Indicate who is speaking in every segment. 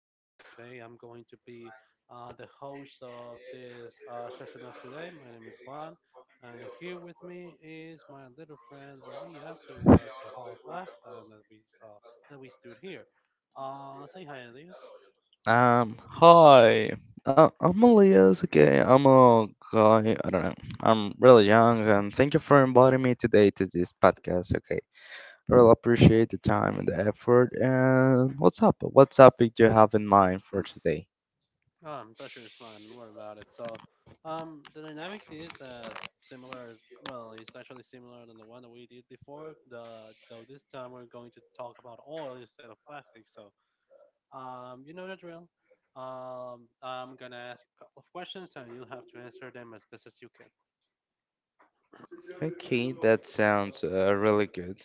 Speaker 1: Today I'm going to be the host of this session of today. My name is Juan, and here with me is my little friend Elias, who was the host last time that we saw that we stood here. Say hi, Elias.
Speaker 2: Hi. I'm Elias. Okay, I'm a guy. I don't know. I'm really young, and thank you for inviting me today to this podcast. Okay, I really appreciate the time and the effort. And what's up? What topic do you have in mind for today?
Speaker 1: Pressure is mine. Don't worry about it. The dynamic is as similar as well, it's actually similar than the one that we did before. The so this time we're going to talk about oil instead of plastic. You know the drill. I'm gonna ask you a couple of questions, and you'll have to answer them as best as you can.
Speaker 2: Okay, that sounds really good.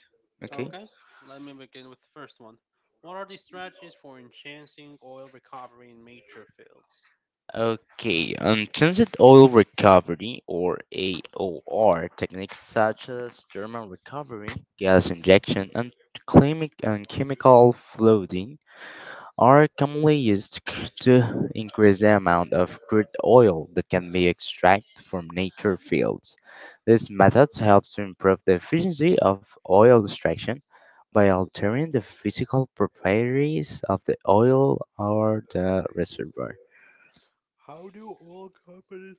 Speaker 2: Okay.
Speaker 1: Okay. Let me begin with the first one. What are the strategies for enhancing oil recovery in major fields?
Speaker 2: Okay, Transit oil recovery or AOR techniques such as thermal recovery, gas injection, and chemical flooding are commonly used to increase the amount of crude oil that can be extracted from nature fields. This method helps to improve the efficiency of oil extraction by altering the physical properties of the oil or the reservoir.
Speaker 1: How do oil companies—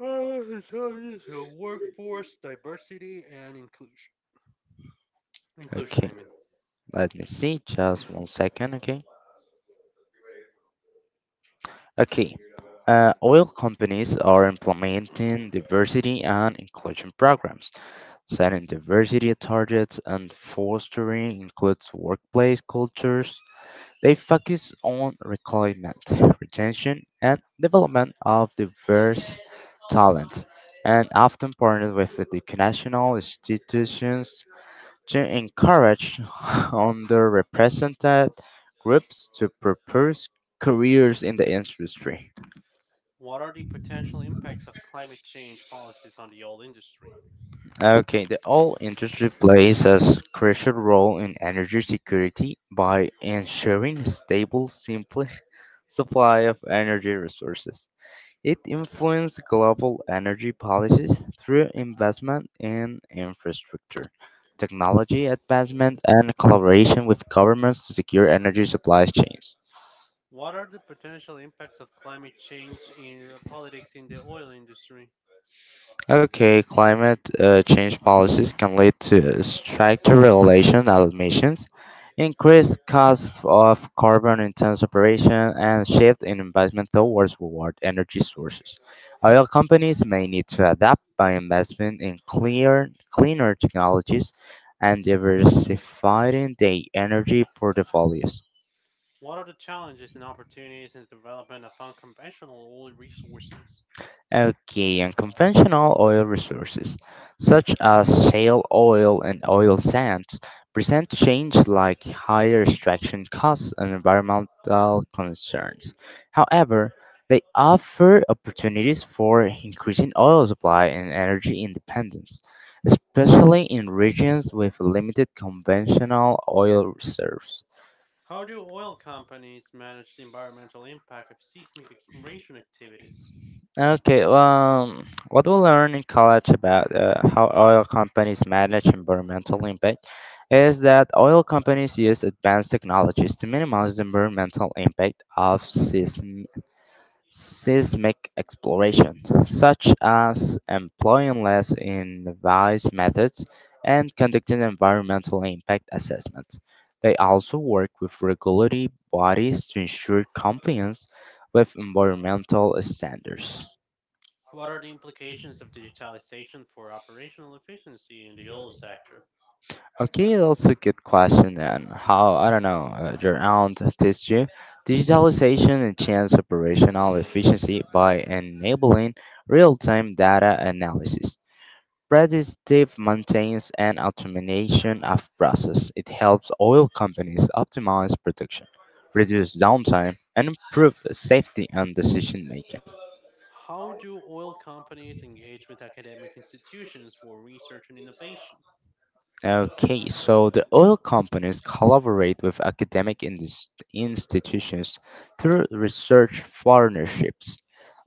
Speaker 1: So yes, workforce diversity and inclusion. Inclusion,
Speaker 2: Okay.
Speaker 1: I mean.
Speaker 2: Let me see, just one second, okay? Okay. Oil companies are implementing diversity and inclusion programs, setting diversity targets and fostering includes workplace cultures. They focus on recruitment, retention, and development of diverse talent, and often partner with the international institutions to encourage underrepresented groups to pursue careers in the industry.
Speaker 1: What are the potential impacts of climate change policies on the oil industry?
Speaker 2: Okay, the oil industry plays a crucial role in energy security by ensuring stable, simple supply of energy resources. It influences global energy policies through investment in infrastructure, technology advancement, and collaboration with governments to secure energy supply chains.
Speaker 1: What are the potential impacts of climate change in politics in the oil industry?
Speaker 2: Okay, climate change policies can lead to stricter regulation of emissions, increased cost of carbon intense operation, and shift in investment towards reward energy sources. Oil companies may need to adapt by investing in cleaner technologies and diversifying their energy portfolios.
Speaker 1: What are the challenges and opportunities in the development of unconventional oil resources?
Speaker 2: Okay, unconventional oil resources, such as shale oil and oil sands, present change like higher extraction costs and environmental concerns. However, they offer opportunities for increasing oil supply and energy independence, especially in regions with limited conventional oil reserves.
Speaker 1: How do oil companies manage the environmental impact of seismic exploration activities?
Speaker 2: Okay, well, what we learn in college about how oil companies manage environmental impact is that oil companies use advanced technologies to minimize the environmental impact of seismic exploration, such as employing less invasive methods and conducting environmental impact assessments. They also work with regulatory bodies to ensure compliance with environmental standards.
Speaker 1: What are the implications of digitalization for operational efficiency in the oil sector?
Speaker 2: Okay, that's a good question. And how, I don't know, your aunt teach you digitalization enhance operational efficiency by enabling real-time data analysis, predictive maintenance, and automation of process. It helps oil companies optimize production, reduce downtime, and improve safety and decision making.
Speaker 1: How do oil companies engage with academic institutions for research and innovation?
Speaker 2: Okay, so the oil companies collaborate with academic institutions through research partnerships,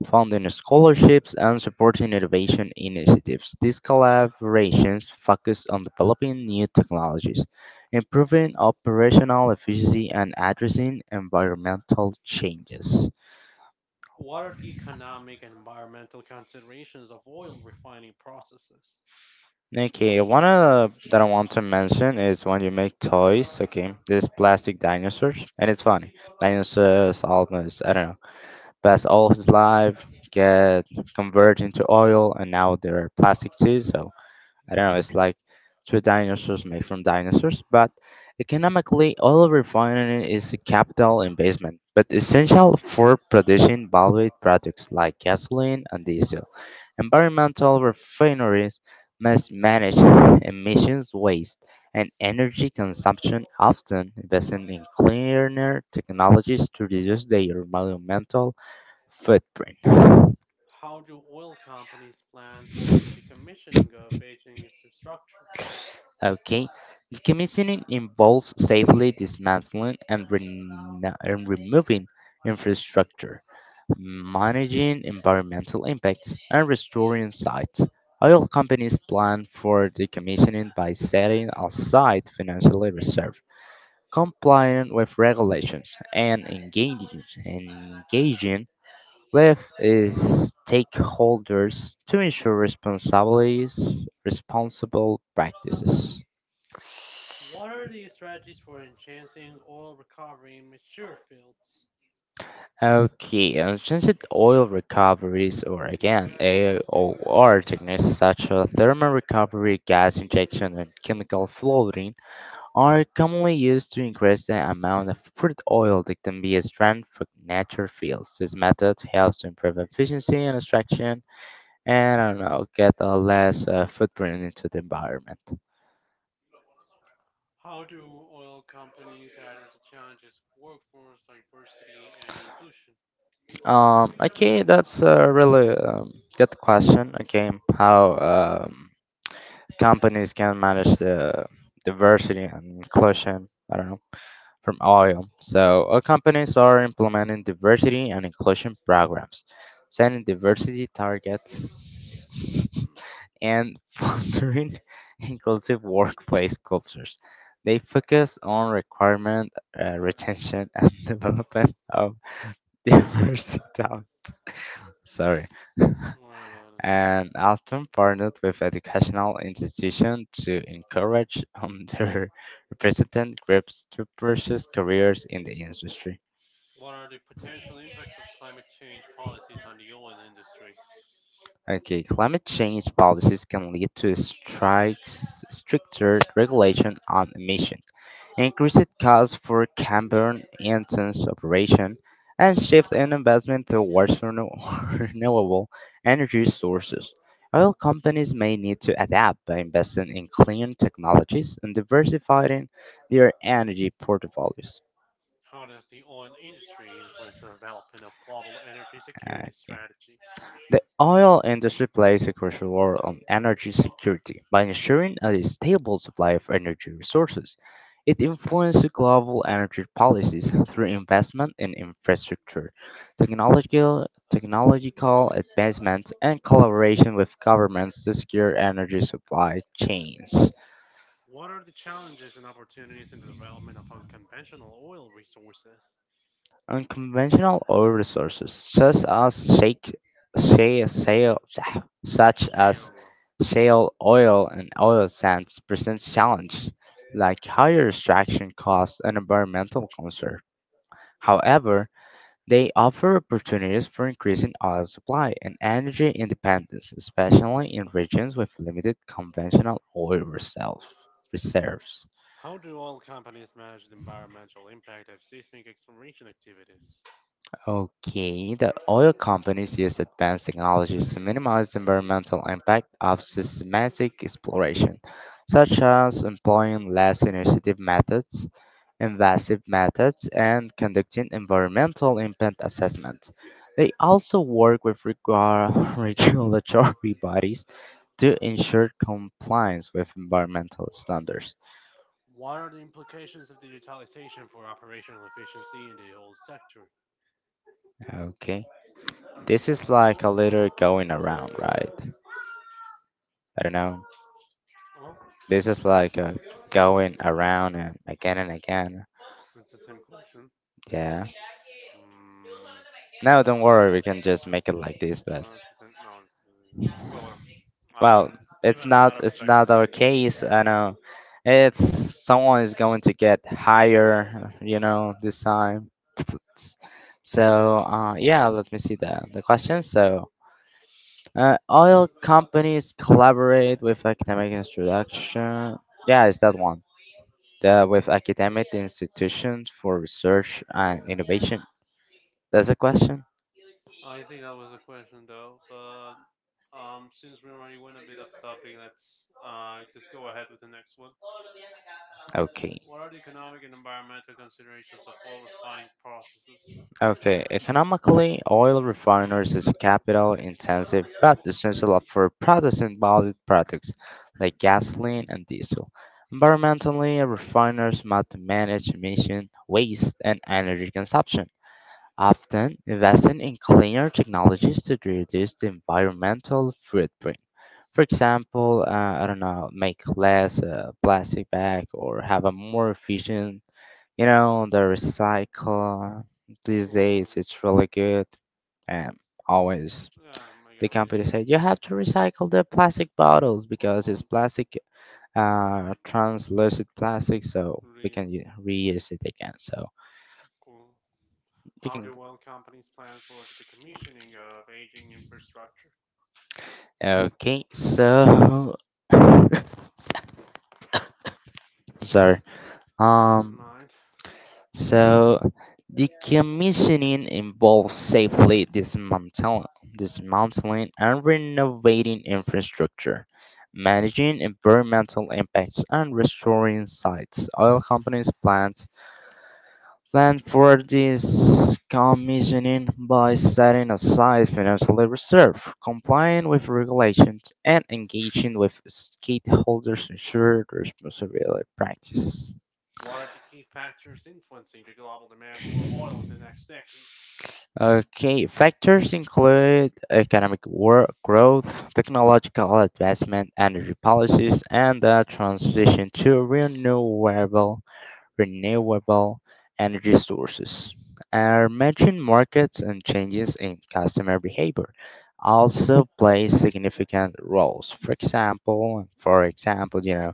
Speaker 2: funding scholarships, and supporting innovation initiatives. These collaborations focus on developing new technologies, improving operational efficiency, and addressing environmental changes.
Speaker 1: What are the economic and environmental considerations of oil refining processes?
Speaker 2: Okay, one that I want to mention is when you make toys, okay, these plastic dinosaurs, and it's funny. Dinosaurs almost, I don't know, pass all his
Speaker 1: Mhm,
Speaker 2: life, get converted into oil, and now they're plastic too, so I don't know, it's
Speaker 1: mhm.
Speaker 2: like two dinosaurs made from dinosaurs, but economically, oil refining is a capital investment, but essential for producing valued products like gasoline and diesel. Environmental refineries must manage emissions, waste, and energy consumption, often investing in cleaner technologies to reduce their environmental footprint.
Speaker 1: How do oil companies plan for the decommissioning of aging infrastructure?
Speaker 2: Okay. Decommissioning involves safely dismantling and removing infrastructure, managing environmental impacts, and restoring sites. Oil companies plan for decommissioning by setting aside financial reserve, complying with regulations, and engaging with stakeholders to ensure responsible practices.
Speaker 1: What are the strategies for enhancing oil recovery in mature fields?
Speaker 2: Okay, since it oil recoveries or again AOR techniques such as thermal recovery, gas injection, and chemical floating are commonly used to increase the amount of crude oil that can be extracted from natural fields. This method helps to improve efficiency and extraction, and I don't know, get a less footprint into the environment.
Speaker 1: How do oil companies address the challenges of workforce diversity and inclusion?
Speaker 2: Okay, that's a really good question. Okay, how? Companies can manage the diversity and inclusion, I don't know, from oil. So all companies are implementing diversity and inclusion programs, setting diversity targets, and fostering inclusive workplace cultures. They focus on requirement, retention, and development of diverse talent. Sorry.
Speaker 1: What about it?
Speaker 2: and often partnered with educational institutions to encourage underrepresented groups to pursue careers in the industry.
Speaker 1: What are the potential impacts of climate change policies on the oil industry?
Speaker 2: Okay, climate change policies can lead to stricter regulation on emission, increased costs for carbon Yansen's operation, and shift in investment towards renewable energy sources. Oil companies may need to adapt by investing in clean technologies and diversifying their energy portfolios.
Speaker 1: How does the oil industry influence the development of global energy
Speaker 2: Okay.
Speaker 1: security strategies?
Speaker 2: The oil industry plays a crucial role on energy security by ensuring a stable supply of energy resources. It influences global energy policies through investment in infrastructure, technological advancement, and collaboration with governments to secure energy supply chains.
Speaker 1: What are the challenges and opportunities in the development of unconventional oil resources?
Speaker 2: Unconventional oil resources, such as shale, such as
Speaker 1: Shale.
Speaker 2: shale oil and oil sands, presents challenges like higher extraction costs and environmental concerns. However, they offer opportunities for increasing oil supply and energy independence, especially in regions with limited conventional reserves.
Speaker 1: How do oil companies manage the environmental impact of seismic exploration activities?
Speaker 2: Okay, the oil companies use advanced technologies to minimize the environmental impact of systematic exploration, such as employing invasive methods, and conducting environmental impact assessments. They also work with regulatory bodies to ensure compliance with environmental standards.
Speaker 1: What are the implications of digitalization for operational efficiency in the oil sector?
Speaker 2: Okay, this is like a little going around, right? I don't know.
Speaker 1: Oh,
Speaker 2: This is like going around and again and again.
Speaker 1: it's the same question.
Speaker 2: Yeah.
Speaker 1: Hmm.
Speaker 2: No, don't worry. We can just make it like this.
Speaker 1: No,
Speaker 2: But
Speaker 1: it's the same. No, it's— well.
Speaker 2: well,
Speaker 1: Even
Speaker 2: it's
Speaker 1: as another
Speaker 2: not. It's
Speaker 1: perspective.
Speaker 2: not our case. I know. It's someone is going to get higher. You know this
Speaker 1: Mhm.
Speaker 2: time. S- So yeah, let me see the question. So oil companies collaborate with academic introduction. Yeah, it's that one. That with academic institutions for research and innovation? That's the question.
Speaker 1: I think that was the question, though. But since we already went a bit off topic, let's just go ahead with the next one.
Speaker 2: Okay.
Speaker 1: What are the economic and environmental considerations of oil refining processes?
Speaker 2: Okay. Economically, oil refineries is capital intensive but essential for producing valid products like gasoline and diesel. Environmentally, refiners must manage emission, waste, and energy consumption. Often, investing in cleaner technologies to reduce the environmental footprint. For example, I don't know, make less plastic bag or have a more efficient, you know, the recycle these days.
Speaker 1: Sure.
Speaker 2: It's really good, and always
Speaker 1: Yeah, I
Speaker 2: the
Speaker 1: get what you
Speaker 2: company
Speaker 1: mean.
Speaker 2: said you have to recycle the plastic bottles
Speaker 1: Uh
Speaker 2: because it's
Speaker 1: huh.
Speaker 2: plastic, translucent plastic, so we can
Speaker 1: Real.
Speaker 2: reuse it again. So
Speaker 1: Cool.
Speaker 2: you
Speaker 1: How
Speaker 2: can.
Speaker 1: do oil companies plan for the decommissioning of aging infrastructure?
Speaker 2: Okay, so sorry.
Speaker 1: I don't
Speaker 2: Um,
Speaker 1: mind.
Speaker 2: so decommissioning involves safely dismantling and renovating infrastructure, managing environmental impacts, and restoring sites. Oil plan for this commissioning by setting aside financial reserve, complying with regulations, and engaging with stakeholders to ensure responsible practices.
Speaker 1: What are the key factors influencing the global demand for oil in the next decade?
Speaker 2: Okay, factors include economic growth, technological advancement, energy policies, and the transition to renewable energy sources are emerging markets and changes in customer behavior also play significant roles, for example, you know,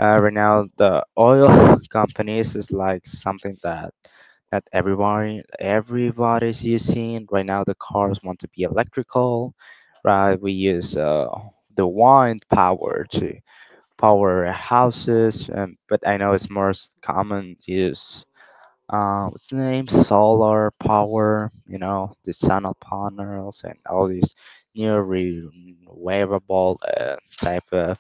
Speaker 2: right now the oil companies is like something that that everyone everybody's using right now, the cars want to be electrical, right? We use the wind power to powerhouses, but I know it's most common use. What's the name? Solar power, you know, the solar panels and all these new renewable type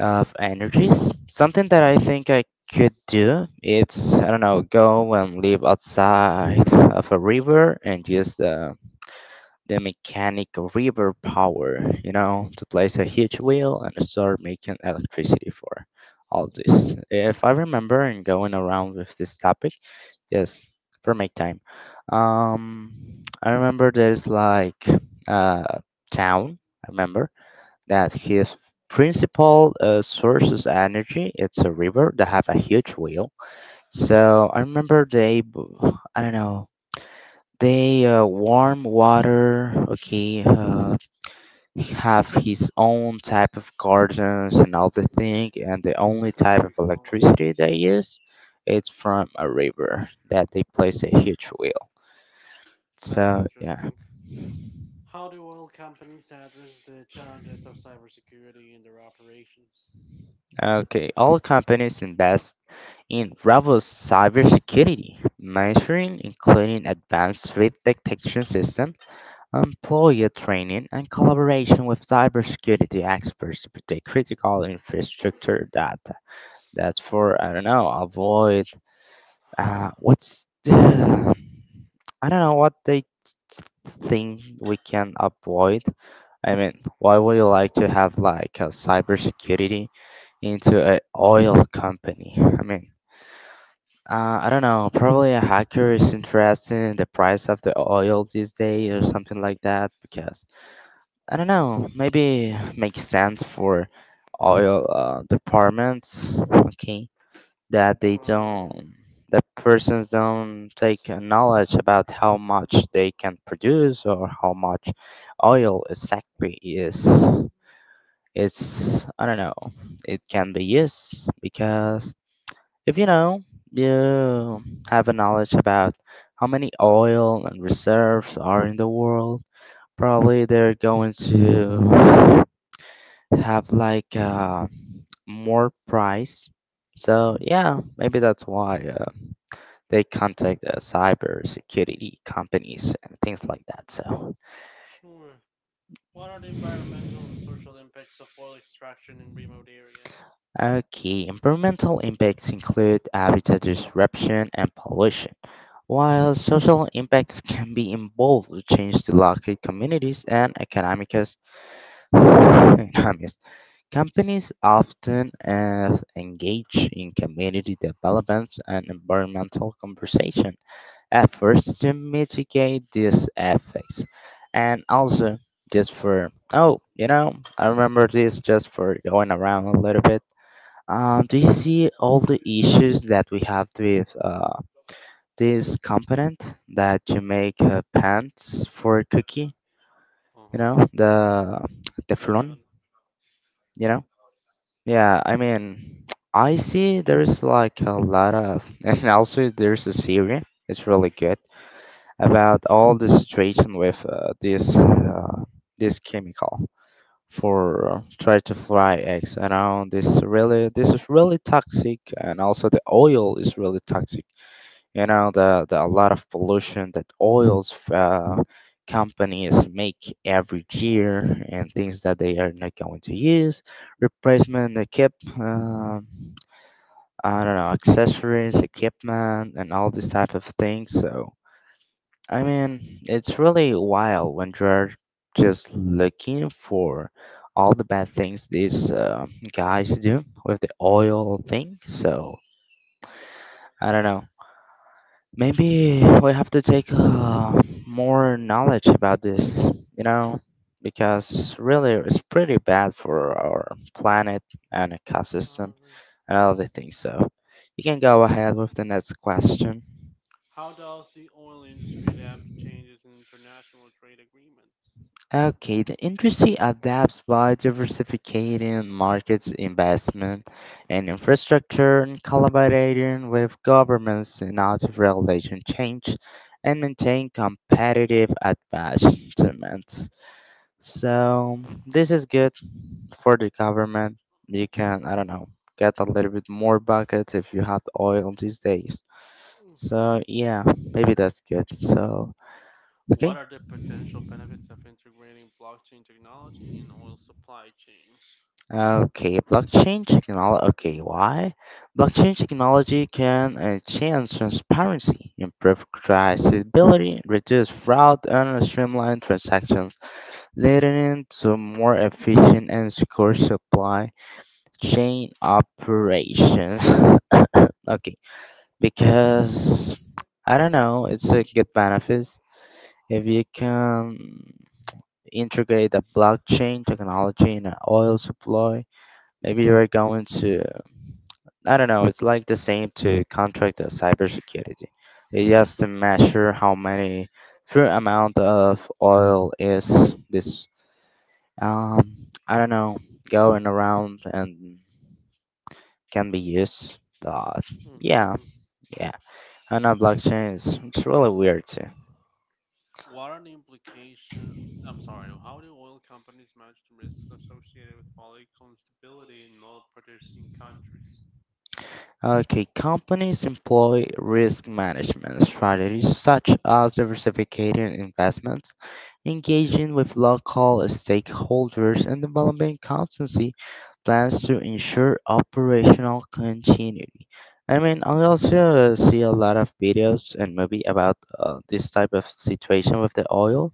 Speaker 2: of energies. Something that I think I could do it's I don't know, go and live outside of a river and just the mechanic river power, you know, to place a huge wheel and start making electricity for all this. If I remember and going around with this topic, yes, for make time. I remember there's like a town, I remember that
Speaker 1: Mm,
Speaker 2: his principal source of energy it's a river that have a huge wheel. So I remember they I don't know, they warm water, okay, have his own type of gardens and all the thing, and the only
Speaker 1: don't
Speaker 2: type of
Speaker 1: recall.
Speaker 2: electricity they use it's from a river that they place a huge wheel.
Speaker 1: That's
Speaker 2: So yeah.
Speaker 1: interesting. How do oil companies address the challenges of cybersecurity in their operations?
Speaker 2: Okay, all companies invest in robust cybersecurity measuring, including advanced threat detection systems, employee training, and collaboration with cybersecurity experts to protect critical infrastructure data. That's for, I don't know, avoid. What's the, I don't know what they think we can avoid. I mean, why would you like to have like a cybersecurity into a oil company? I mean, I don't know. Probably a hacker is interested in the price of the oil these days or something like that because I don't know. Maybe makes sense for oil departments. Okay, that they
Speaker 1: Probably.
Speaker 2: don't, that persons don't take a knowledge about how much they can produce or how much oil exactly is, it's I don't know, it can be used because if you know, you have a knowledge about how many oil and reserves are in the world, probably they're going to have like more price. So yeah, maybe that's why they contact cyber security companies and things like that. So,
Speaker 1: Sure. What are the environmental and social impacts of oil extraction in remote areas?
Speaker 2: okay, environmental impacts include habitat disruption and pollution, while social impacts can be involved with change to local communities and economics. Companies often engage in community developments and environmental conversation efforts to mitigate these effects. And also, just for, I remember this just for going around a little bit.
Speaker 1: Mhm.
Speaker 2: Do you see all the issues that we have with this component that you make pants for cookie? You
Speaker 1: Uh-huh.
Speaker 2: know, the
Speaker 1: What about?
Speaker 2: Teflon, you know? Yeah,
Speaker 1: Yeah.
Speaker 2: I mean, I see there's like a lot of, and also there's a series. It's really good about all the situation with this this chemical for try to fry eggs around this is really toxic, and also the oil is really toxic, you know, the a lot of pollution that oils companies make every year, and things that they are not going to use replacement they keep uh, I don't know, accessories, equipment and all these type of things. So I mean, it's really wild when you're just looking for all the bad things these guys do with the oil thing. So, I don't know. Maybe we have to take more knowledge about this, you know, because really it's pretty bad for our planet and ecosystem
Speaker 1: Alright.
Speaker 2: and all the things. So, you can go ahead with the next question.
Speaker 1: How does the oil industry adapt to changes in international trade agreements?
Speaker 2: Okay, the industry adapts by diversifying markets, investment, and infrastructure, and collaborating with governments in active regulation change, and maintain competitive advancements. So this is good for the government. You can, I don't know, get a little bit more buckets if you have oil these days.
Speaker 1: Mhm.
Speaker 2: So yeah, maybe that's good. So okay.
Speaker 1: What are the potential benefits of integrating blockchain technology in oil supply chains?
Speaker 2: Okay, blockchain technology. Okay, why? Blockchain technology can enhance transparency, improve traceability, reduce fraud, and streamline transactions, leading to more efficient and secure supply chain operations. Okay, because I don't know, it's a good benefits if you can integrate the blockchain technology in an oil supply. Maybe you're going to, I don't know, it's like the same to contract the cybersecurity. It's just to measure how many true
Speaker 1: Mhm.
Speaker 2: amount of oil is this, I don't know, going around and can be used. But yeah,
Speaker 1: Mhm.
Speaker 2: yeah, I know blockchain is it's really weird too.
Speaker 1: What are the implications? I'm sorry, how do oil companies manage the risks associated with political instability in oil producing countries?
Speaker 2: Okay, companies employ risk management strategies such as diversificating investments, engaging with local stakeholders, and developing constancy plans to ensure operational continuity. I mean, I also see a lot of videos and movie about this type of situation with the oil.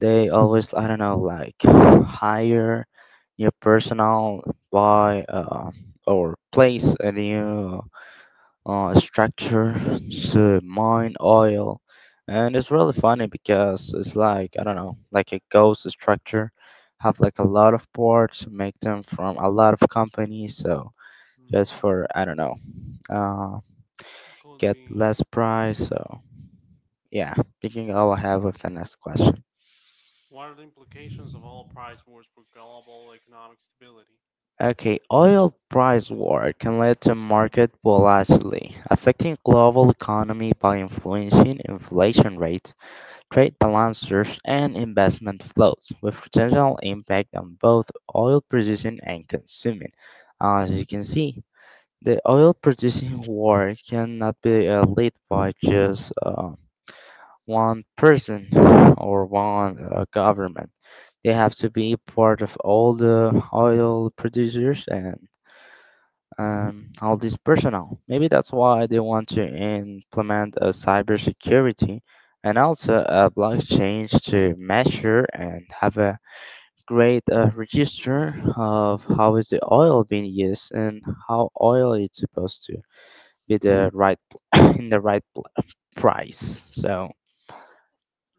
Speaker 2: They always, I don't know, like hire new personnel, buy or place a new structure to mine oil, and it's really funny because it's like I don't know, like a ghost structure, have like a lot of parts, make them from a lot of companies, so just for
Speaker 1: Hmm.
Speaker 2: I don't know, uh,
Speaker 1: Could
Speaker 2: get
Speaker 1: be.
Speaker 2: less price. So yeah, picking up I have with the next question.
Speaker 1: What are the implications of oil price wars for global economic stability?
Speaker 2: Okay, oil price war can lead to market volatility, affecting global economy by influencing inflation rates, trade balances, and investment flows, with potential impact on both oil producing and consuming. As you can see, the oil producing war cannot be led by just one person or one government. They have to be part of all the oil producers and all this personnel. Maybe that's why they want to implement a cybersecurity and also a blockchain to measure and have a great register of how is the oil being used and how oil is supposed to be the right in the right price. So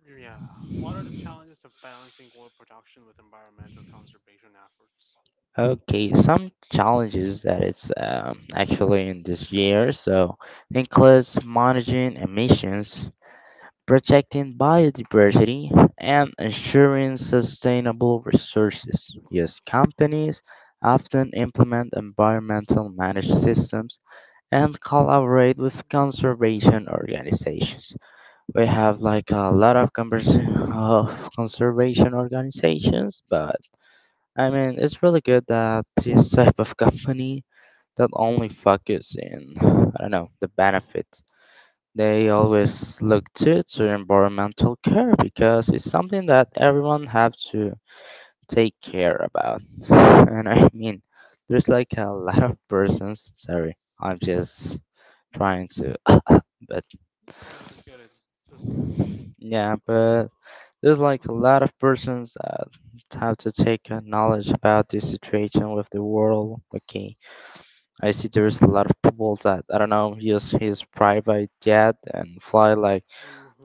Speaker 1: Yeah. What are the challenges of balancing oil production with environmental conservation efforts?
Speaker 2: okay, some challenges that it's actually in this year. So includes managing emissions, protecting biodiversity, and ensuring sustainable resources. Yes, companies often implement environmental managed systems and collaborate with conservation organizations. We have like a lot of conservation organizations, but I mean it's really good that this type of company that only focus in I don't know the benefits, they always look to environmental care because it's something that everyone have to take care about. And I mean, there's like a lot
Speaker 1: Yeah,
Speaker 2: of persons. Sorry, I'm just trying to, but
Speaker 1: I I get it. Trust me.
Speaker 2: yeah, but there's like a lot of persons that have to take a knowledge about this situation with the world. Okay, I see there's a lot of people that I don't know use his private jet and fly like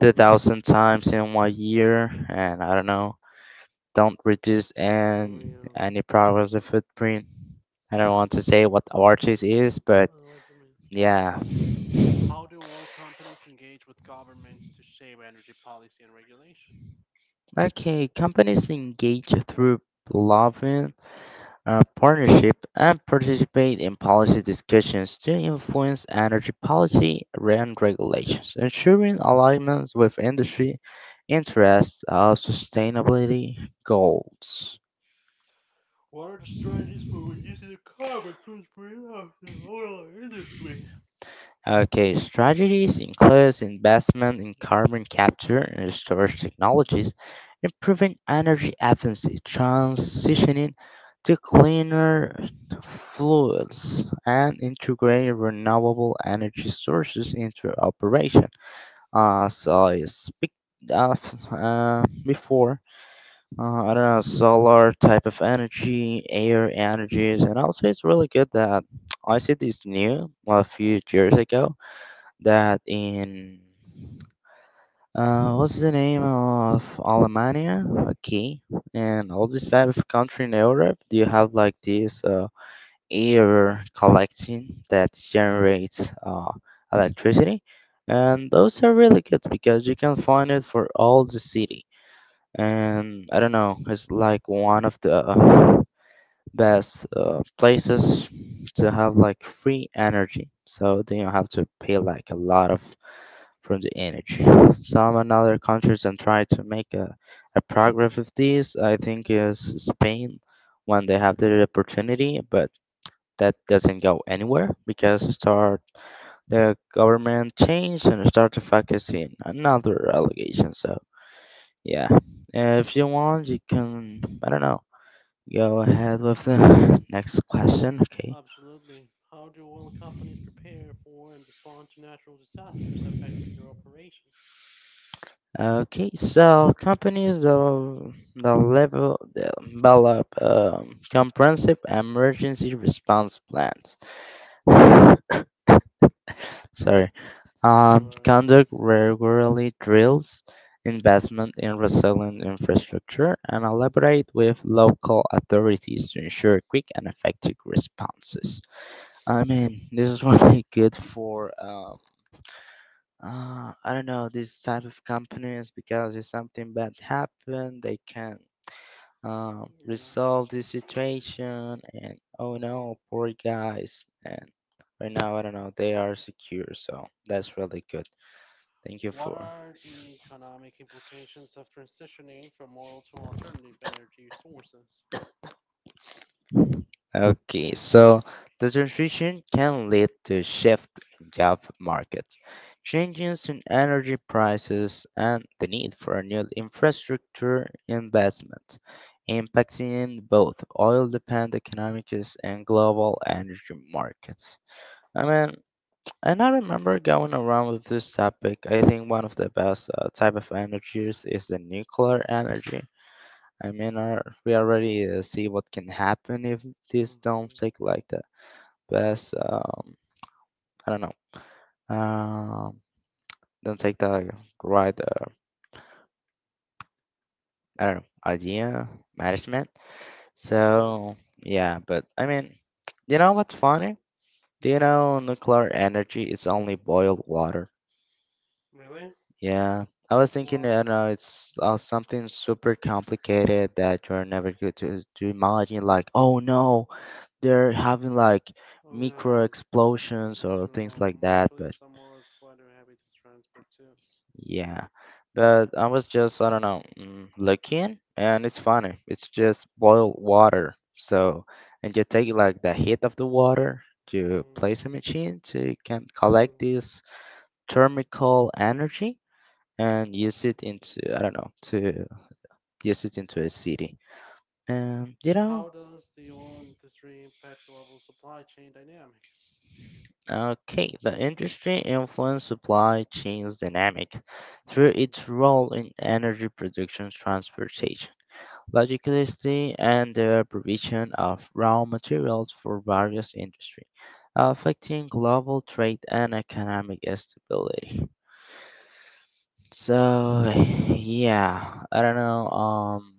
Speaker 2: 2,000 times in one year, and I don't know. Don't reduce
Speaker 1: Oh,
Speaker 2: an
Speaker 1: yeah.
Speaker 2: any progress of footprint. I don't want to say what artist is,
Speaker 1: I
Speaker 2: but
Speaker 1: know what you mean.
Speaker 2: yeah.
Speaker 1: How do oil companies engage with governments to shape energy policy and regulation?
Speaker 2: Okay, companies engage through lobbying, partnership, and participate in policy discussions to influence energy policy and regulations, ensuring alignments with industry interests of sustainability goals.
Speaker 1: What are the strategies for reducing the carbon footprint of the oil industry?
Speaker 2: Okay, strategies include investment in carbon capture and storage technologies, improving energy efficiency, transitioning to cleaner fuels, and integrating renewable energy sources into operation. So I speak of before, I don't know, solar type of energy, air energies, and also it's really good that I see this new, well, a few years ago, that in what's the name of Alemania? Okay, and all this type of country in Europe, do you have like this air collecting that generates electricity? And those are really good because you can find it for all the city. And I don't know, it's like one of the best places to have like free energy so they don't have to pay like a lot of from the energy some another countries and try to make a progress with these. I think is Spain when they have the opportunity, but that doesn't go anywhere because start the government change and start to focus in another allegation. So yeah, if you want you can, I don't know, go ahead with the next question. Okay.
Speaker 1: Absolutely. How do oil companies prepare for and respond to natural disasters affecting their operations?
Speaker 2: Okay. So companies that the level develop comprehensive emergency response plans. Sorry. Conduct regularly drills, investment in resilient infrastructure, and elaborate with local authorities to ensure quick and effective responses. I mean, this is really good for I don't know these type of companies because if something bad happened, they can
Speaker 1: Yeah.
Speaker 2: resolve the situation. And oh no, poor guys. And right now, I don't know, they are secure, so that's really good. Thank you
Speaker 1: What
Speaker 2: for.
Speaker 1: are the economic implications of transitioning from oil to alternative energy sources?
Speaker 2: Okay, so the transition can lead to shift in job markets, changes in energy prices, and the need for new infrastructure investment, impacting both oil-dependent economies and global energy markets. I mean, and I remember going around with this topic. I think one of the best type of energies is the nuclear energy. I mean, our, we already see what can happen if this don't take like that. Best. I don't know. Um, don't take the right. I don't know idea management.
Speaker 1: Huh.
Speaker 2: So yeah, but I mean, you know what's funny? Do you know nuclear energy is only boiled water?
Speaker 1: Really?
Speaker 2: Yeah, I was thinking, you know, it's something super complicated that you're never good to imagine. Like, oh no, they're having like
Speaker 1: Oh, yeah,
Speaker 2: micro explosions or things like that.
Speaker 1: actually,
Speaker 2: But
Speaker 1: Samoa is quite a heavy to transport too.
Speaker 2: yeah, but I was just I don't know looking, and it's funny. It's just boiled water. So and you take like the heat of the water, you place a machine so you can collect this thermical energy and use it into I don't know to use it into a city. Um, you
Speaker 1: How
Speaker 2: know,
Speaker 1: does the oil industry impact global supply chain dynamics?
Speaker 2: Okay, the industry influences supply chains dynamic through its role in energy production, transportation, logistics, and the provision of raw materials for various industries, affecting global trade and economic stability. So, yeah, I don't know.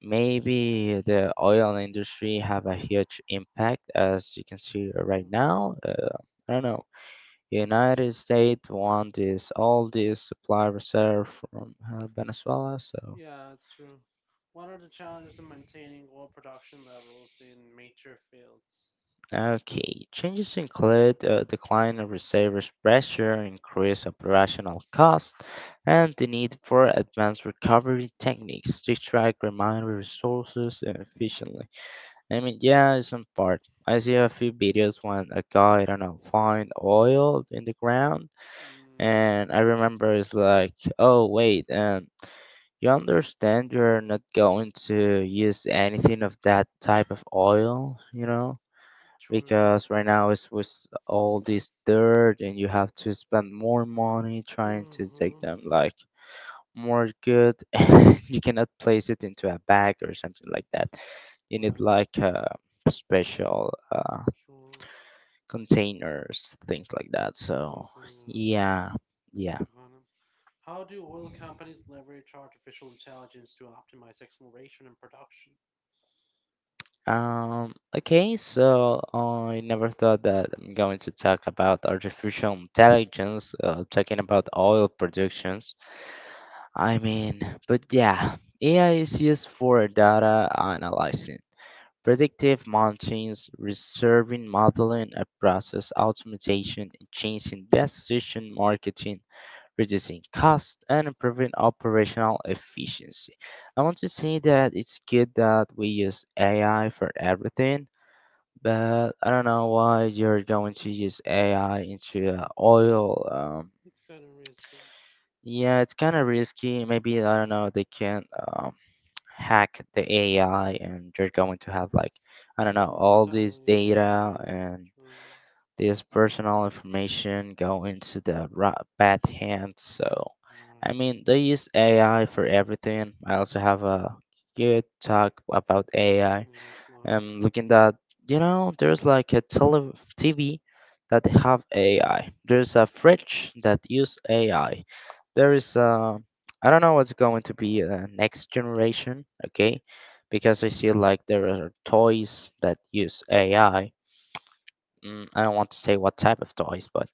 Speaker 2: Maybe the oil industry have a huge impact, as you can see right
Speaker 1: Hmm,
Speaker 2: now. I don't know. United States want this all this supply reserve from Venezuela, so.
Speaker 1: yeah, it's true. What are the challenges in maintaining oil production levels in major fields?
Speaker 2: Okay, changes include a decline of reserves pressure, increased operational cost, and the need for advanced recovery techniques to extract remaining resources efficiently. I mean, yeah, it's some part. I see a few videos when a guy, I don't know, find oil in the ground,
Speaker 1: Mm,
Speaker 2: and I remember it's like, oh wait, and you understand you're not going to use anything of that type of oil, you know,
Speaker 1: true.
Speaker 2: because right now it's with all this dirt, and you have to spend more money trying to take
Speaker 1: Mm-hmm.
Speaker 2: them. Like, more good. And you cannot place it into a bag or something like that, you need
Speaker 1: Right,
Speaker 2: like special
Speaker 1: sure.
Speaker 2: containers, things like that. So
Speaker 1: Continue.
Speaker 2: yeah, yeah.
Speaker 1: Got it. How do oil companies leverage artificial intelligence to optimize exploration and production?
Speaker 2: Okay, so I never thought that I'm going to talk about artificial intelligence, talking about oil productions, I mean, but yeah, AI is used for data analyzing, predictive maintenance, reserving modeling and process automation, and changing decision marketing, reducing costs and improving operational efficiency. I want to say that it's good that we use AI for everything, but I don't know why you're going to use AI into oil.
Speaker 1: It's kind of risky.
Speaker 2: Yeah, it's kind of risky. Maybe I don't know. They can't. Hack the AI and you're going to have like I don't know all this data
Speaker 1: Um,
Speaker 2: and
Speaker 1: True.
Speaker 2: this personal information go into the right, bad hands. So I
Speaker 1: Right.
Speaker 2: mean they use AI for everything. I also have a good talk about AI.
Speaker 1: Yes, not.
Speaker 2: I'm looking that you know there's like a TV that have AI. There's a fridge that use AI. There is I don't know what's going to be next generation, okay? Because I see like there are toys that use AI. Mm, I don't want to say what type of toys, but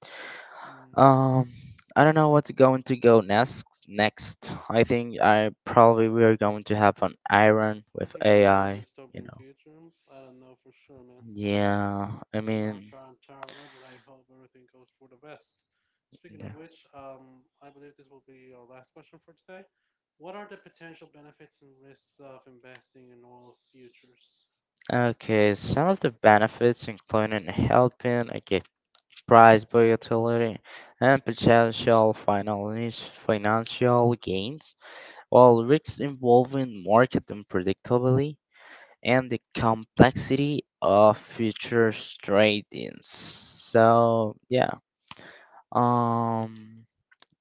Speaker 2: um, I don't know what's going to go next. Next, I think I probably we are going to have an iron with
Speaker 1: We're gonna be in a
Speaker 2: AI. You
Speaker 1: dystopian
Speaker 2: know.
Speaker 1: future. I don't know for sure, man.
Speaker 2: Yeah, I
Speaker 1: Not
Speaker 2: mean,
Speaker 1: John Traveler, but I hope everything goes for the best. Speaking of
Speaker 2: yeah.
Speaker 1: which, I believe this will be our last question for today. What are the potential benefits and risks of investing in oil futures?
Speaker 2: Okay, some of the benefits include in helping get price volatility and potential final financial gains. While risks involving market unpredictability and the complexity of futures trading. So yeah, um,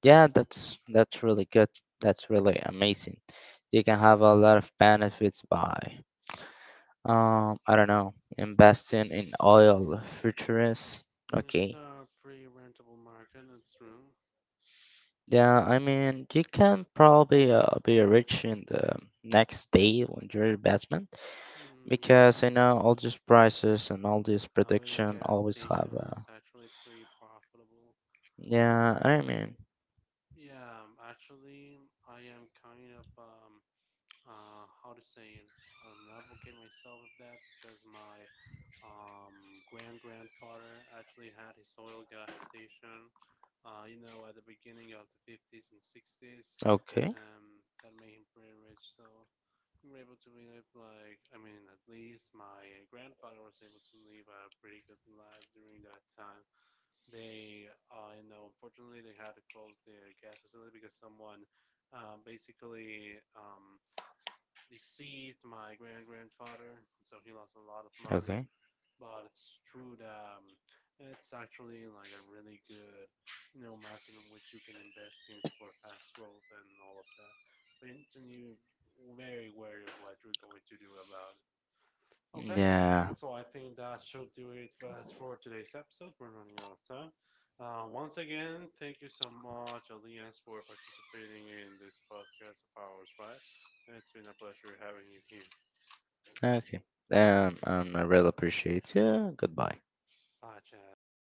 Speaker 2: yeah, that's really good. That's really amazing. You can have a lot of benefits by, I don't know, investing in oil futures.
Speaker 1: It's
Speaker 2: Okay.
Speaker 1: a pretty rentable market, that's true.
Speaker 2: Yeah, I mean, you can probably be rich in the next day when you're investment
Speaker 1: Mm,
Speaker 2: because you know all these prices and all this
Speaker 1: having a
Speaker 2: prediction
Speaker 1: gas
Speaker 2: always have.
Speaker 1: station is actually pretty profitable.
Speaker 2: Yeah, I
Speaker 1: Like,
Speaker 2: mean,
Speaker 1: yeah, actually, I am kind of how to say an advocate myself of that because my grand grandfather actually had his oil gas station. You know, at the beginning of the 50s and 60s,
Speaker 2: okay,
Speaker 1: that made him pretty rich. So we were able to live like— I mean, at least my grandfather was able to live a pretty good life during that time. They, you know, unfortunately they had to close the gas facility because someone basically, deceased my grand grandfather, so he lost a lot of money.
Speaker 2: okay,
Speaker 1: But it's true that it's actually like a really good, you know, market in which you can invest in for fast growth and all of that. But you need to be very wary of what you're going to do about it. Okay,
Speaker 2: yeah.
Speaker 1: so I think that should do it for us for today's episode. We're running out of time. Once again, thank you so much, Elias, for participating in this podcast of ours, right? It's been a pleasure having you here.
Speaker 2: Okay. I really appreciate you. Goodbye.
Speaker 1: Ah, já era.